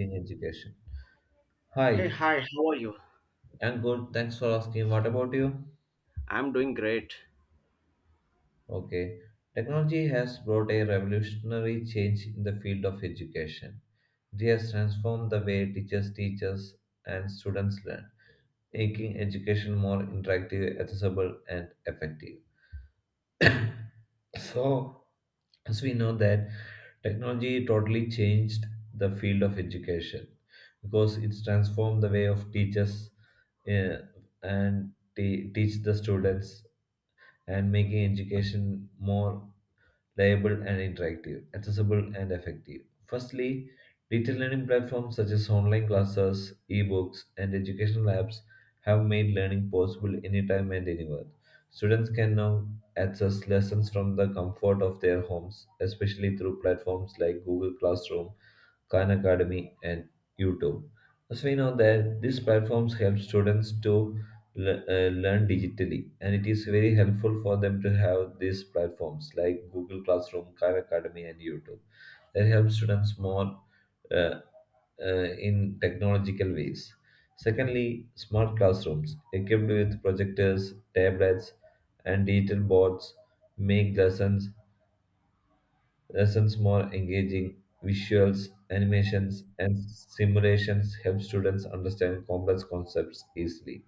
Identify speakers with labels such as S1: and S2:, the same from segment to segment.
S1: In education.
S2: Hey,
S1: Hi.
S2: hi, how are you?
S1: I'm good, thanks for asking. What about you?
S2: I'm doing great.
S1: Okay. Technology has brought a revolutionary change in the field of education. It has transformed the way teachers teach us and students learn, making education more interactive, accessible, and effective. So, as we know that technology totally changed the field of education because it's transformed the way of teachers uh, and teach the students and making education more reliable and interactive, accessible and effective. Firstly, digital learning platforms such as online classes, ebooks, and educational apps have made learning possible anytime and anywhere. Students can now access lessons from the comfort of their homes, especially through platforms like Google Classroom, Khan Academy, and YouTube. As we know that these platforms help students to learn digitally, and it is very helpful for them to have these platforms like Google Classroom, Khan Academy, and YouTube that help students more uh, in technological ways. Secondly, smart classrooms equipped with projectors, tablets, and digital boards make lessons more engaging. Visuals, animations, and simulations help students understand complex concepts easily.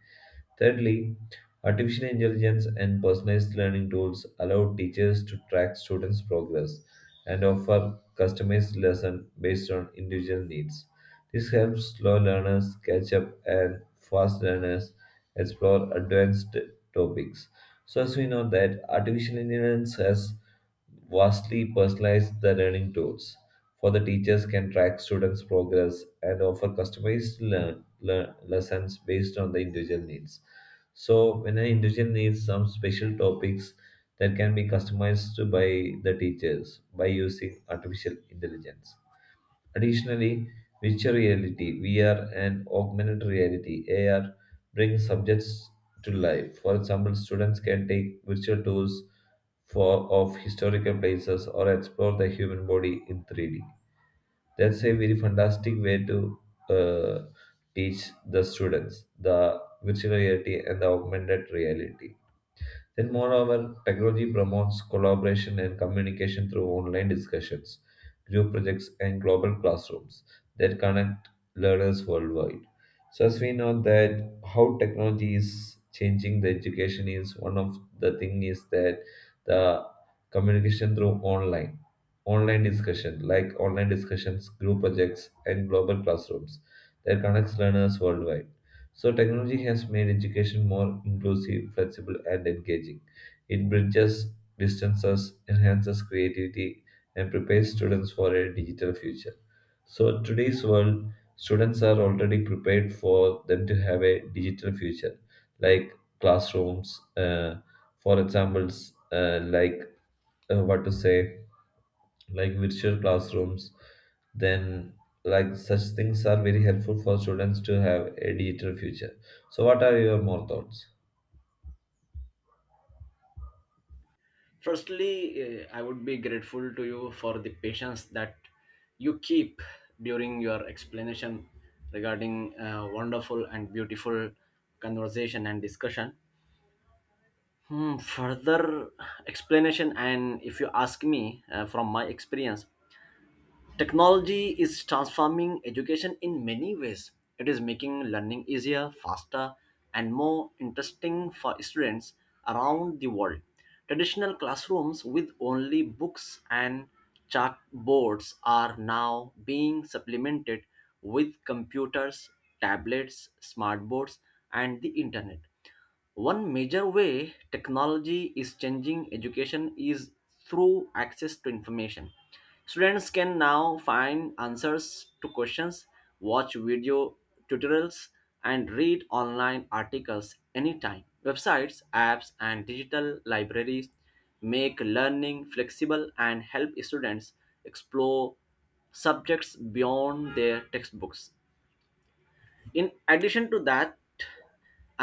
S1: Thirdly, artificial intelligence and personalized learning tools allow teachers to track students' progress and offer customized lessons based on individual needs. This helps slow learners catch up and fast learners explore advanced topics. So, as we know that artificial intelligence has vastly personalized the learning tools. For the teachers can track students' progress and offer customized lessons based on the individual needs. So, when an individual needs some special topics that can be customized by the teachers by using artificial intelligence. Additionally, virtual reality (VR) and augmented reality (AR) bring subjects to life. For example, students can take virtual tours for of historical places or explore the human body in 3D. That's a very fantastic way to uh, teach the students the virtual reality and the augmented reality. Then, moreover, technology promotes collaboration and communication through online discussions, group projects, and global classrooms that connect learners worldwide. So, as we know that how technology is changing the education, is one of the thing is that the communication through online discussion, like online discussions, group projects, and global classrooms that connects learners worldwide. So, technology has made education more inclusive, flexible, and engaging. It bridges distances, enhances creativity, and prepares students for a digital future. So, today's world, students are already prepared for them to have a digital future, like classrooms, for examples, uh, what to say, like virtual classrooms, then like such things are very helpful for students to have a digital future. So what are your more thoughts?
S2: Firstly, I would be grateful to you for the patience that you keep during your explanation regarding wonderful and beautiful conversation and discussion. Hmm, further explanation, and if you ask me from my experience, technology is transforming education in many ways. It is making learning easier, faster, and more interesting for students around the world. Traditional classrooms with only books and chalkboards are now being supplemented with computers, tablets, smartboards, and the internet. One major way technology is changing education is through access to information. Students can now find answers to questions, watch video tutorials, and read online articles anytime. Websites, apps, and digital libraries make learning flexible and help students explore subjects beyond their textbooks. In addition to that,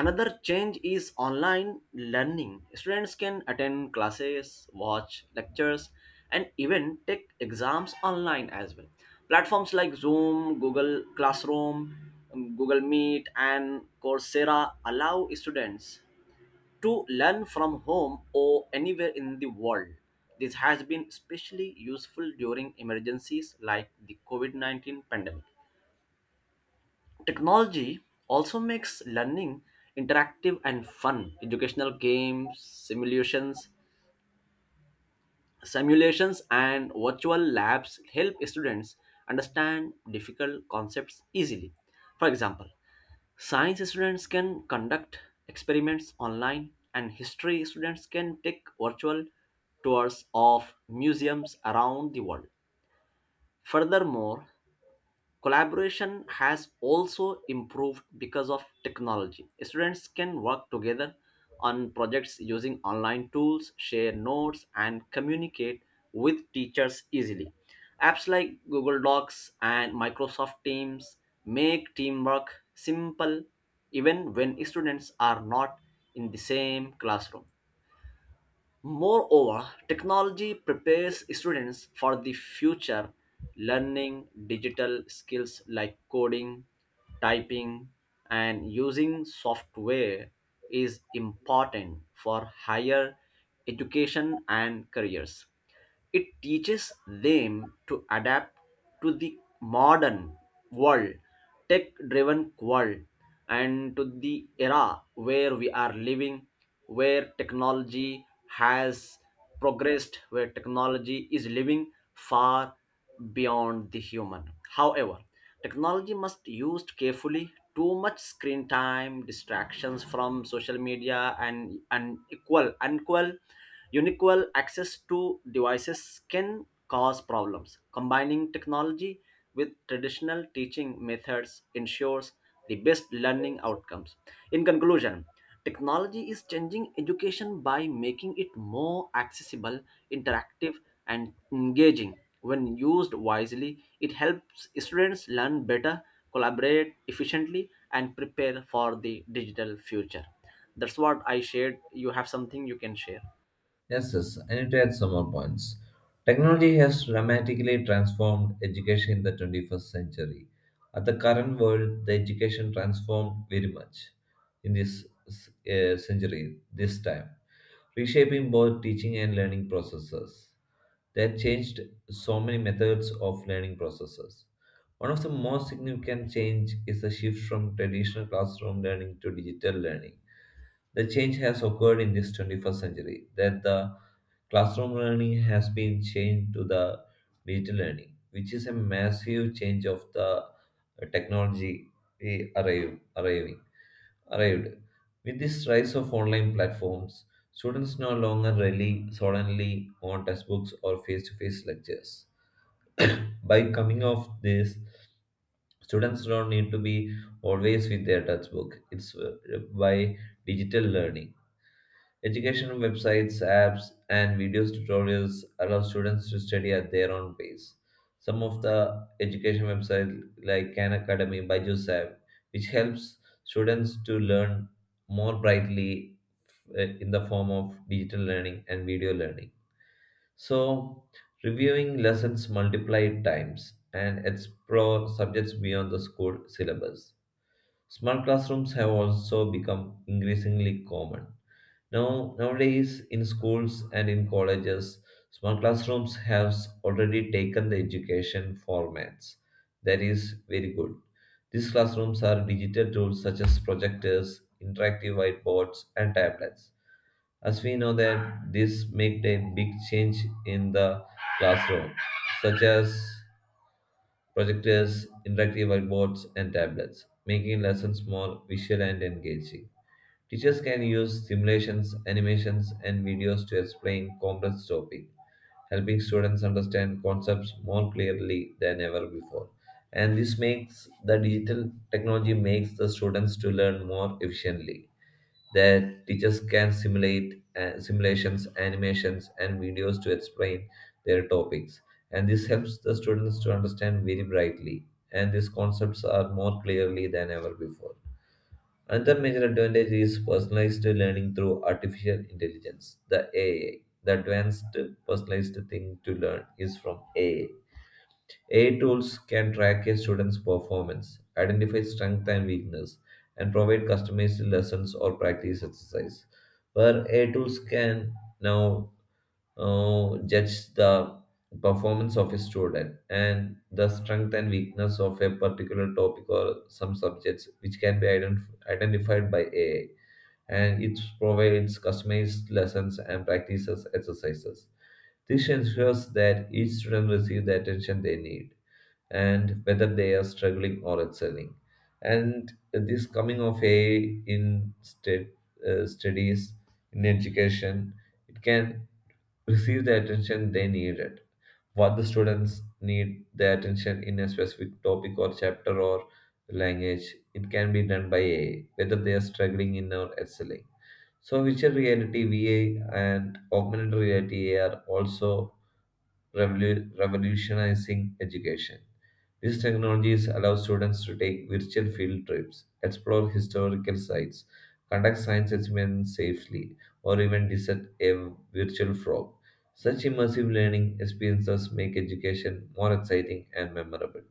S2: another change is online learning. Students can attend classes, watch lectures, and even take exams online as well. Platforms like Zoom, Google Classroom, Google Meet, and Coursera allow students to learn from home or anywhere in the world. This has been especially useful during emergencies like the COVID COVID-19 pandemic. Technology also makes learning interactive and fun. Educational games, simulations and virtual labs help students understand difficult concepts easily. For example, science students can conduct experiments online and history students can take virtual tours of museums around the world. Furthermore, collaboration has also improved because of technology. Students can work together on projects using online tools, share notes, and communicate with teachers easily. Apps like Google Docs and Microsoft Teams make teamwork simple even when students are not in the same classroom. Moreover, technology prepares students for the future, learning digital skills like coding, typing, and using software is important for higher education and careers. It teaches them to adapt to the modern world, tech driven world, and to the era where we are living, where technology has progressed, where technology is living far beyond the human. However, technology must used carefully too much screen time distractions from social media and unequal access to devices can cause problems. Combining technology with traditional teaching methods ensures the best learning outcomes. In conclusion, technology is changing education by making it more accessible, interactive, and engaging. When used wisely, it helps students learn better, collaborate efficiently, and prepare for the digital future. That's what I shared. You have something you can share.
S1: Yes, yes, I need to add some more points. Technology has dramatically transformed education in the 21st century. At the current world, the education transformed very much in this century, this time, reshaping both teaching and learning processes. They have changed so many methods of learning processes. One of the most significant change is the shift from traditional classroom learning to digital learning. The change has occurred in this 21st century that the classroom learning has been changed to the digital learning, which is a massive change of the technology we arrived. With this rise of online platforms, students no longer rely solely on textbooks or face-to-face lectures. By coming off this, students don't need to be always with their textbook. It's by digital learning. Education websites, apps, and videos tutorials allow students to study at their own pace. Some of the education websites like Khan Academy, Byju's app, which helps students to learn more brightly in the form of digital learning and video learning. So, reviewing lessons multiplied times and explore subjects beyond the school syllabus. Smart classrooms have also become increasingly common. Nowadays, in schools and in colleges, smart classrooms have already taken the education formats. That is very good. These classrooms are digital tools such as projectors, interactive whiteboards, and tablets. As we know that this made a big change in the classroom, such as projectors, interactive whiteboards, and tablets, making lessons more visual and engaging. Teachers can use simulations, animations, and videos to explain complex topics, helping students understand concepts more clearly than ever before. And this makes the digital technology makes the students to learn more efficiently, that teachers can simulate simulations, animations, and videos to explain their topics. And this helps the students to understand very brightly, and these concepts are more clearly than ever before. Another major advantage is personalized learning through artificial intelligence, the AI. The advanced personalized thing to learn is from AI. AI tools can track a student's performance, identify strength and weakness, and provide customized lessons or practice exercise. Where AI tools can now judge the performance of a student and the strength and weakness of a particular topic or some subjects which can be identified by AI, and it provides customized lessons and practices exercises. This ensures that each student receives the attention they need and whether they are struggling or excelling. And this coming of age in state, studies, in education, it can receive the attention they needed. What the students need the attention in a specific topic or chapter or language, it can be done by AI, whether they are struggling in or excelling. So virtual reality, VA, and augmented reality are also revolutionizing education. These technologies allow students to take virtual field trips, explore historical sites, conduct science experiments safely, or even visit a virtual frog. Such immersive learning experiences make education more exciting and memorable.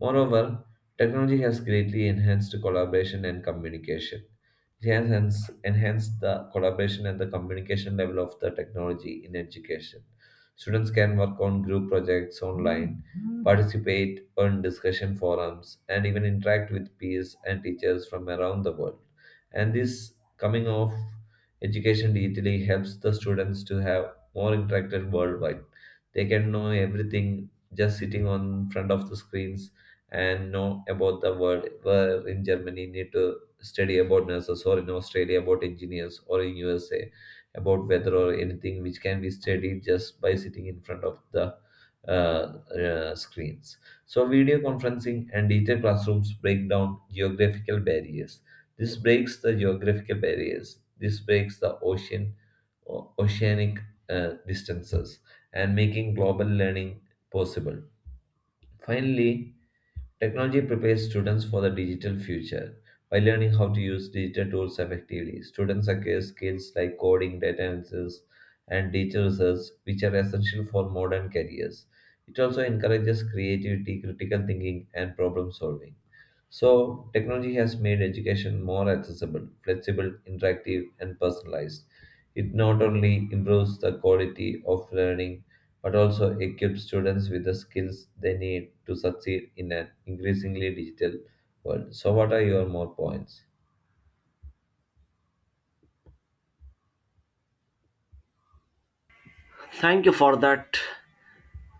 S1: Moreover, technology has greatly enhanced collaboration and communication. It has enhanced the collaboration and the communication level of the technology in education. Students can work on group projects online, participate on discussion forums, and even interact with peers and teachers from around the world. And this coming of education digitally helps the students to have more interacted worldwide. They can know everything just sitting on front of the screens and know about the world where in Germany need to study about nurses, or in Australia about engineers, or in USA about weather, or anything which can be studied just by sitting in front of the uh, screens. So video conferencing and digital classrooms break down geographical barriers. This breaks the geographical barriers, this breaks the ocean, oceanic distances, and making global learning possible. Finally, technology prepares students for the digital future. By learning how to use digital tools effectively, students acquire skills like coding, data analysis, and digital research, which are essential for modern careers. It also encourages creativity, critical thinking, and problem solving. So, technology has made education more accessible, flexible, interactive, and personalized. It not only improves the quality of learning but also equips students with the skills they need to succeed in an increasingly digital world. So, what are your more points?
S2: Thank you for that.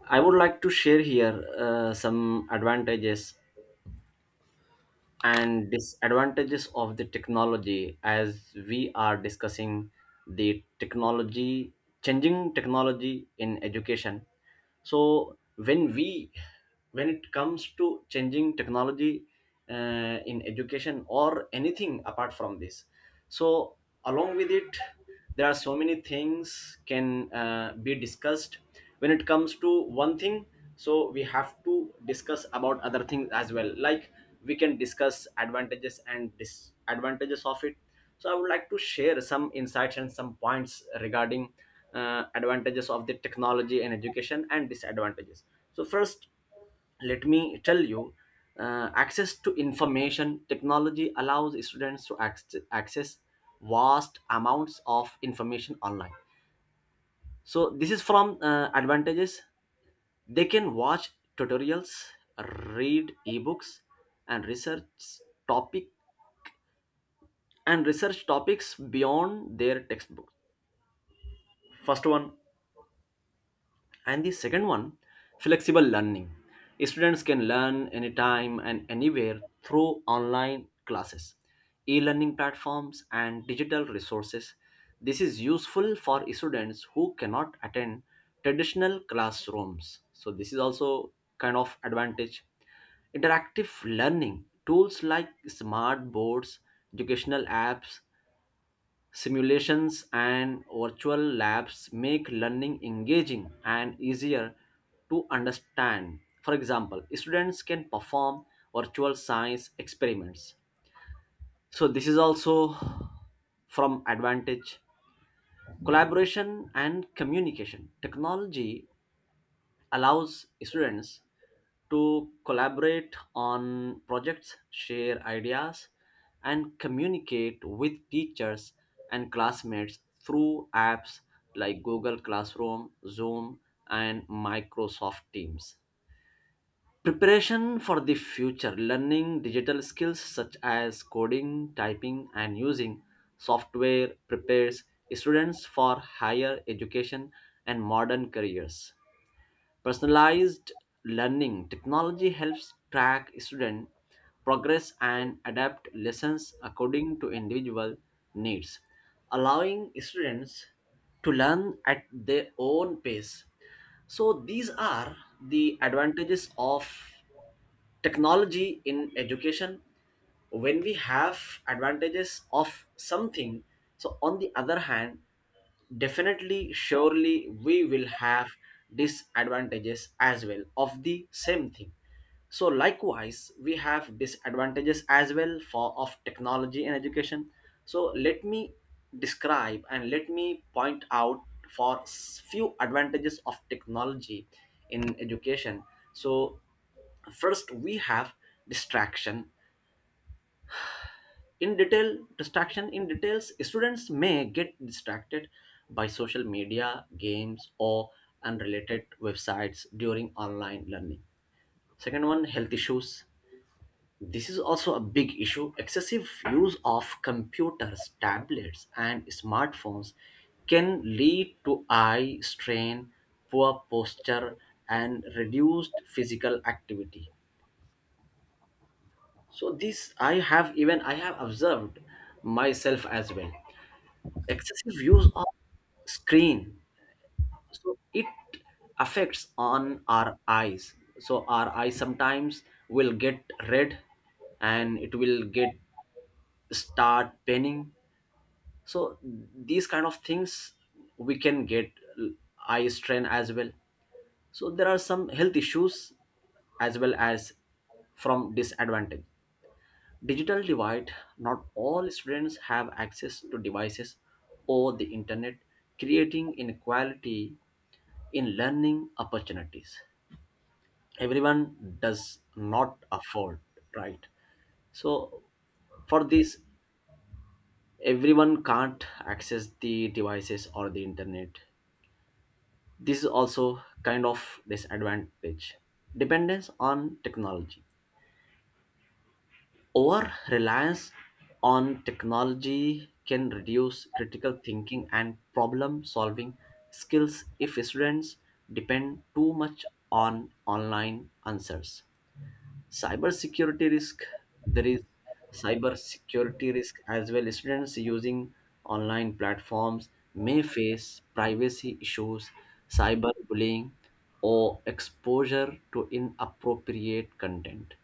S2: I would like to share here some advantages and disadvantages of the technology as we are discussing the technology, changing technology in education. So when it comes to changing technology in education or anything apart from this, so along with it there are so many things can be discussed. When it comes to one thing, so we have to discuss about other things as well, like we can discuss advantages and disadvantages of it. So I would like to share some insights and some points regarding advantages of the technology and education and disadvantages. So first, let me tell you, access to information technology allows students to access vast amounts of information online. So this is from advantages. They can watch tutorials, read ebooks, and topic research topics beyond their textbooks. First one. And the second one, flexible learning. Students can learn anytime and anywhere through online classes, e learning platforms, and digital resources. This is useful for students who cannot attend traditional classrooms. So, this is also kind of advantage. Interactive learning tools like smart boards, educational apps, simulations and virtual labs make learning engaging and easier to understand. For example, students can perform virtual science experiments. So this is also from advantage. Collaboration and communication. Technology allows students to collaborate on projects, share ideas, and communicate with teachers and classmates through apps like Google Classroom, Zoom, and Microsoft Teams. Preparation for the future, learning digital skills such as coding, typing, and using software prepares students for higher education and modern careers. Personalized learning technology helps track student progress and adapt lessons according to individual needs, allowing students to learn at their own pace. So, these are the advantages of technology in education. When we have advantages of something, so on the other hand, definitely, surely we will have disadvantages as well of the same thing. So likewise we have disadvantages as well for of technology and education. So let me describe and let me point out for few advantages of technology in education. So first we have distraction. In details, students may get distracted by social media, games, or unrelated websites during online learning. Second one, health issues. This is also a big issue. Excessive use of computers, tablets, and smartphones can lead to eye strain, poor posture, and reduced physical activity. So this I have observed myself as well. Excessive use of screen, so it affects on our eyes, so our eyes sometimes will get red and it will get start penning. So these kind of things, we can get l- eye strain as well. So there are some health issues as well as from disadvantage. Digital divide, not all students have access to devices or the internet, creating inequality in learning opportunities. Everyone does not afford, right? So for this, everyone can't access the devices or the internet. This is also kind of disadvantage. Dependence on technology, over reliance on technology can reduce critical thinking and problem solving skills if students depend too much on online answers. Cybersecurity risk, there is cybersecurity risk as well. Students using online platforms may face privacy issues, cyberbullying, or exposure to inappropriate content.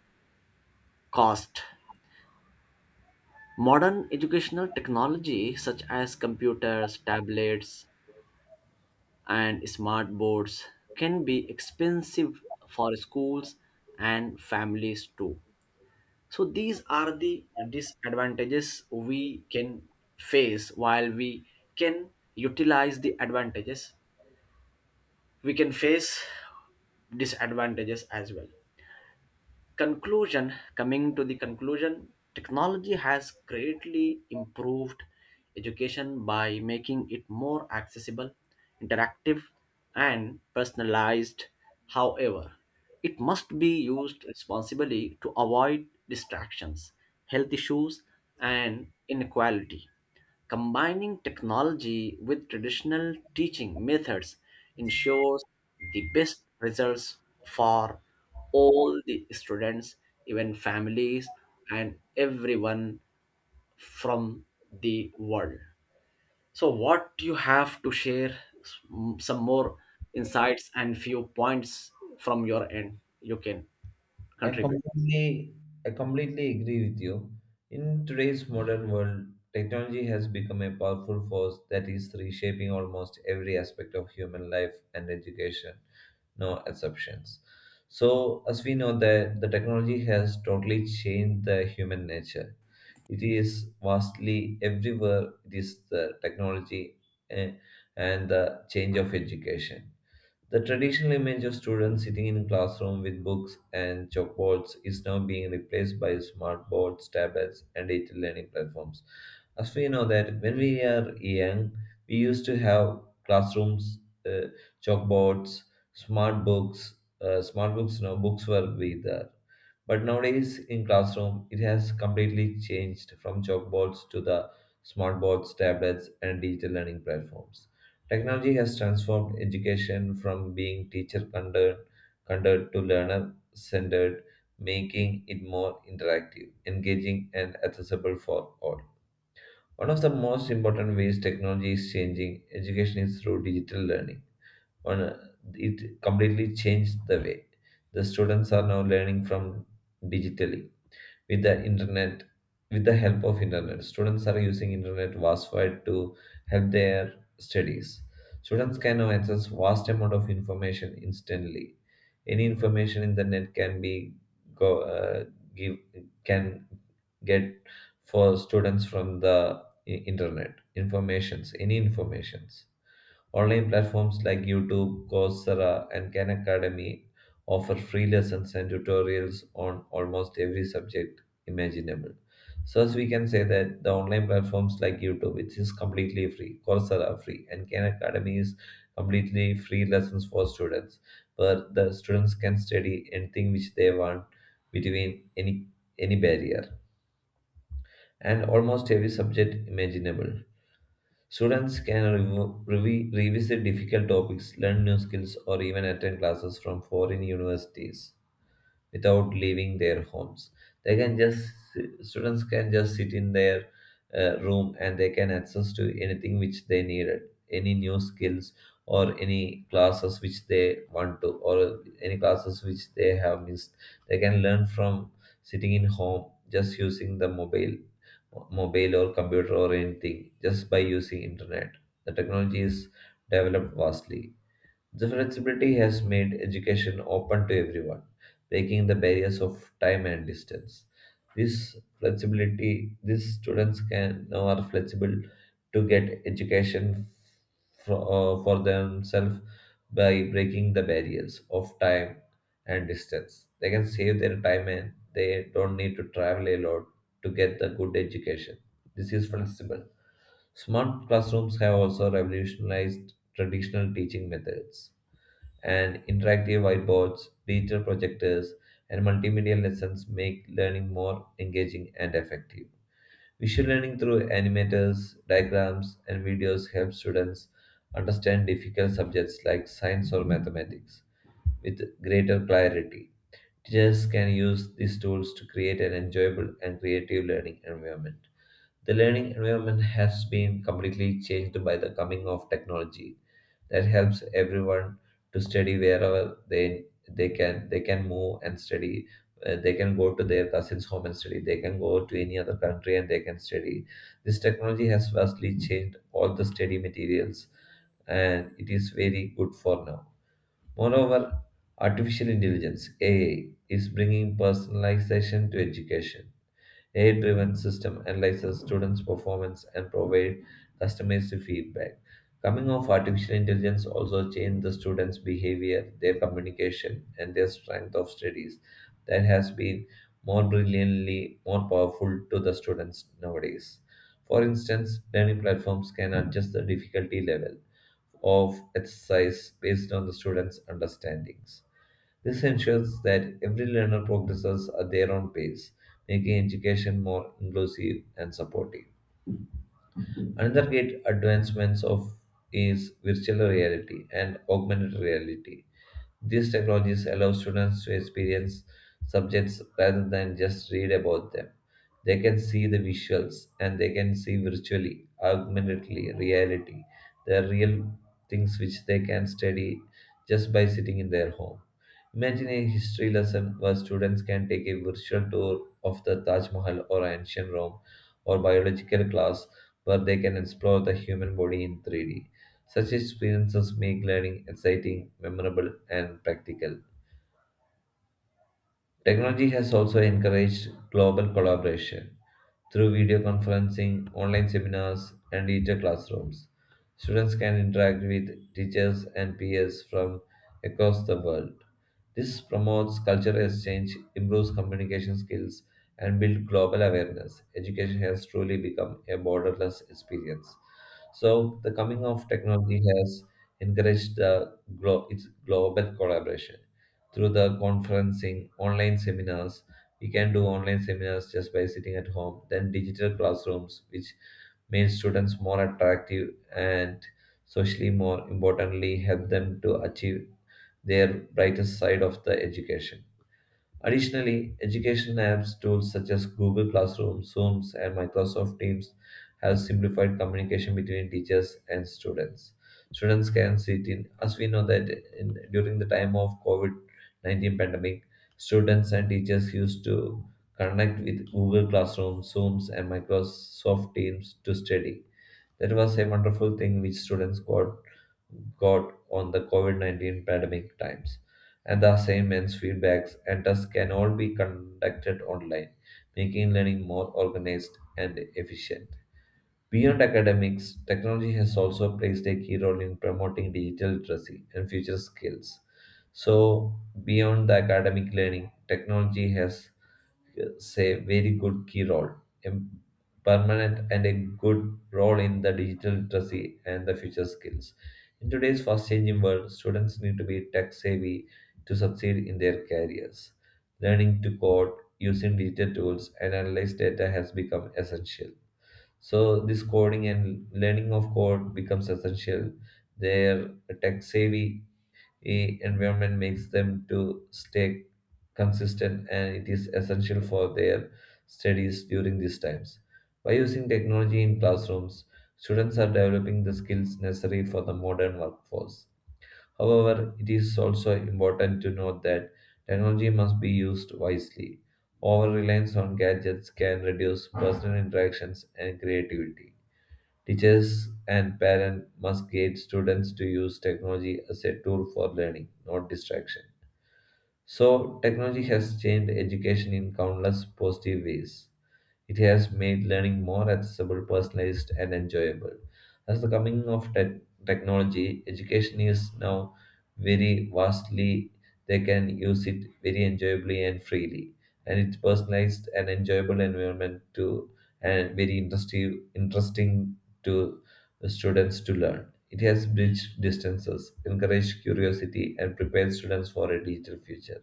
S2: Cost, modern educational technology such as computers, tablets, and smart boards can be expensive for schools and families too. So these are the disadvantages we can face while we can utilize the advantages. We can face disadvantages as well. Conclusion, coming to the conclusion, technology has greatly improved education by making it more accessible, interactive, and personalized. However, it must be used responsibly to avoid distractions, health issues, and inequality. Combining technology with traditional teaching methods ensures the best results for all the students, even families, and everyone from the world. So, what you have to share, some more insights and few points from your end, you can
S1: I
S2: contribute.
S1: completely, I completely agree with you. In today's modern world, technology has become a powerful force that is reshaping almost every aspect of human life and education. No exceptions. So, as we know that the technology has totally changed the human nature. It is vastly everywhere. It is the technology, eh, and the change of education. The traditional image of students sitting in classroom with books and chalkboards is now being replaced by smartboards, tablets, and digital learning platforms. As we know that when we are young, we used to have classrooms, uh, chalkboards, smart books. Smart books, no books were with but nowadays in classroom, it has completely changed from chalkboards to the smartboards, tablets, and digital learning platforms. Technology has transformed education from being teacher centered conducted to learner centered, making it more interactive, engaging, and accessible for all. One of the most important ways technology is changing education is through digital learning. One, it completely changed the way the students are now learning from digitally with the internet. With the help of internet, students are using internet worldwide to help their studies. Students can now access vast amount of information instantly. Any information in the net can be go give can get for students from the internet, informations, any informations. Online platforms like YouTube, Coursera, and Khan Academy offer free lessons and tutorials on almost every subject imaginable. So, as we can say that the online platforms like YouTube, which is completely free, Coursera free, and Khan Academy is completely free lessons for students, where the students can study anything which they want between any barrier and almost every subject imaginable. Students can revisit difficult topics, learn new skills, or even attend classes from foreign universities without leaving their homes. They can just students can just sit in their room, and they can access to anything which they needed, any new skills or any classes which they want to, or any classes which they have missed. They can learn from sitting in home just using the mobile or computer or anything just by using internet. The technology is developed vastly. The flexibility has made education open to everyone, breaking the barriers of time and distance. This flexibility, these students can now are flexible to get education for themselves by breaking the barriers of time and distance. They can save their time and they don't need to travel a lot to get the good education. This is flexible. Smart classrooms have also revolutionized traditional teaching methods and interactive whiteboards, digital projectors, and multimedia lessons make learning more engaging and effective. Visual learning through animators, diagrams, and videos helps students understand difficult subjects like science or mathematics with greater clarity. Teachers can use these tools to create an enjoyable and creative learning environment. The learning environment has been completely changed by the coming of technology that helps everyone to study wherever they can they can move and study. They can go to their cousin's home and study, they can go to any other country and they can study. This technology has vastly changed all the study materials and it is very good for now. Moreover, artificial intelligence, ai, is bringing personalization to education. AI driven system analyzes students' performance and provide customized feedback. Coming of artificial intelligence also changed the students' behavior, their communication, and their strength of studies that has been more brilliantly more powerful to the students nowadays. For instance, learning platforms can adjust the difficulty level of exercise based on the students' understandings. This ensures that every learner progresses at their own pace, making education more inclusive and supportive. Another great advancements of is virtual reality and augmented reality. These technologies allow students to experience subjects rather than just read about them. They can see the visuals and they can see virtually, augmentedly, reality, they are real things which they can study just by sitting in their home. Imagine a history lesson where students can take a virtual tour of the Taj Mahal or ancient Rome, or biological class where they can explore the human body in 3D. Such experiences make learning exciting, memorable, and practical. Technology has also encouraged global collaboration through video conferencing, online seminars, and digital classrooms. Students can interact with teachers and peers from across the world. This promotes cultural exchange, improves communication skills, and builds global awareness. Education has truly become a borderless experience. So, the coming of technology has encouraged the its global collaboration through the conferencing, online seminars. We can do online seminars just by sitting at home. Then digital classrooms, which make students more attractive and socially more importantly help them to achieve their brightest side of the education. Additionally, education apps tools such as Google Classroom, Zooms, and Microsoft Teams have simplified communication between teachers and students. Students can sit in, as we know that in, during the time of COVID-19 pandemic, students and teachers used to connect with Google Classroom, Zooms, and Microsoft Teams to study. That was a wonderful thing which students got on the COVID 19 pandemic times, and the assignments, feedbacks, and tests can all be conducted online, making learning more organized and efficient. Beyond academics, technology has also played a key role in promoting digital literacy and future skills. So, beyond the academic learning, technology has say very good key role, a permanent and a good role in the digital literacy and the future skills. In today's fast changing world, students need to be tech savvy to succeed in their careers. Learning to code, using digital tools, and analyze data has become essential. So this coding and learning of code becomes essential. Their tech savvy environment makes them to stay consistent and it is essential for their studies during these times. By using technology in classrooms, students are developing the skills necessary for the modern workforce. However, it is also important to note that technology must be used wisely. Over reliance on gadgets can reduce personal interactions and creativity. Teachers and parents must guide students to use technology as a tool for learning, not distraction. So, technology has changed education in countless positive ways. It has made learning more accessible, personalized, and enjoyable. As the coming of technology, education is now very vastly. They can use it very enjoyably and freely, and it's personalized and enjoyable environment to and very interesting to the students to learn. It has bridged distances, encouraged curiosity, and prepared students for a digital future.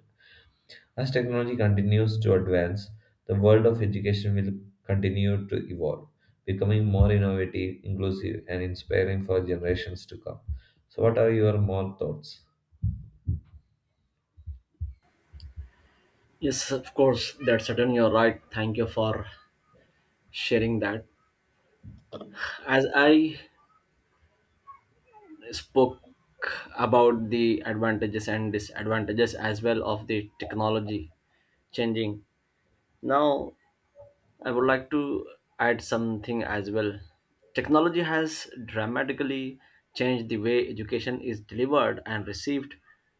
S1: As technology continues to advance, the world of education will continue to evolve, becoming more innovative, inclusive, and inspiring for generations to come. So, what are your more thoughts?
S2: Yes, of course, that's certain. You're right. Thank you for sharing that. As I spoke about the advantages and disadvantages as well of the technology changing. Now, I would like to add something as well. Technology has dramatically changed the way education is delivered and received.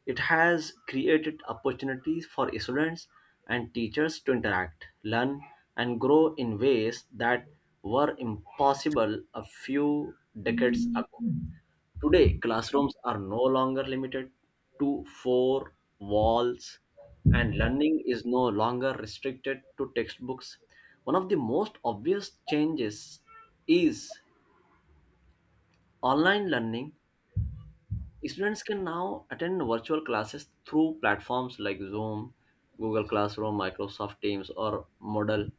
S2: It has created opportunities for students and teachers to interact, learn, and grow in ways that were impossible a few decades ago. Today, classrooms are no longer limited to four walls, and learning is no longer restricted to textbooks. One of the most obvious changes is online learning. Students can now attend virtual classes through platforms like Zoom, Google Classroom, Microsoft Teams, or Moodle.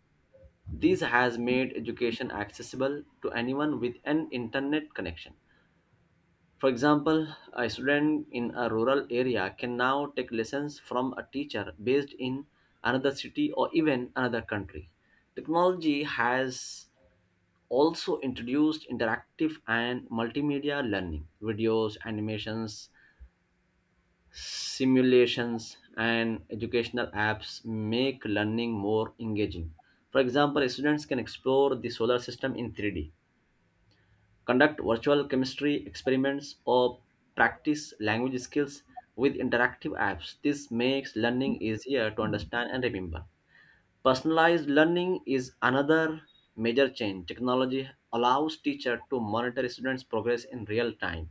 S2: This has made education accessible to anyone with an internet connection. For example, a student in a rural area can now take lessons from a teacher based in another city or even another country. Technology has also introduced interactive and multimedia learning, videos, animations, simulations, and educational apps make learning more engaging. For example, students can explore the solar system in 3D, conduct virtual chemistry experiments, or practice language skills with interactive apps. This makes learning easier to understand and remember. Personalized learning is another major change. Technology allows teacher to monitor students' progress in real time,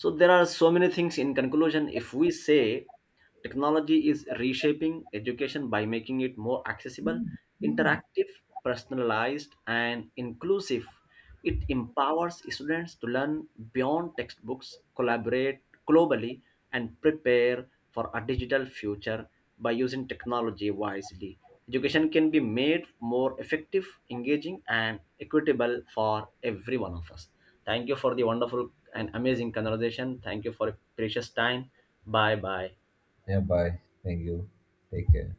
S2: so there are so many things. In conclusion, if we say technology is reshaping education by making it more accessible, interactive, personalized, and inclusive, it empowers students to learn beyond textbooks, collaborate globally, and prepare for a digital future by using technology wisely. Education can be made more effective, engaging, and equitable for every one of us. Thank you for the wonderful an amazing conversation. Thank you for your precious time. Bye bye.
S1: Yeah, bye. Thank you. Take care.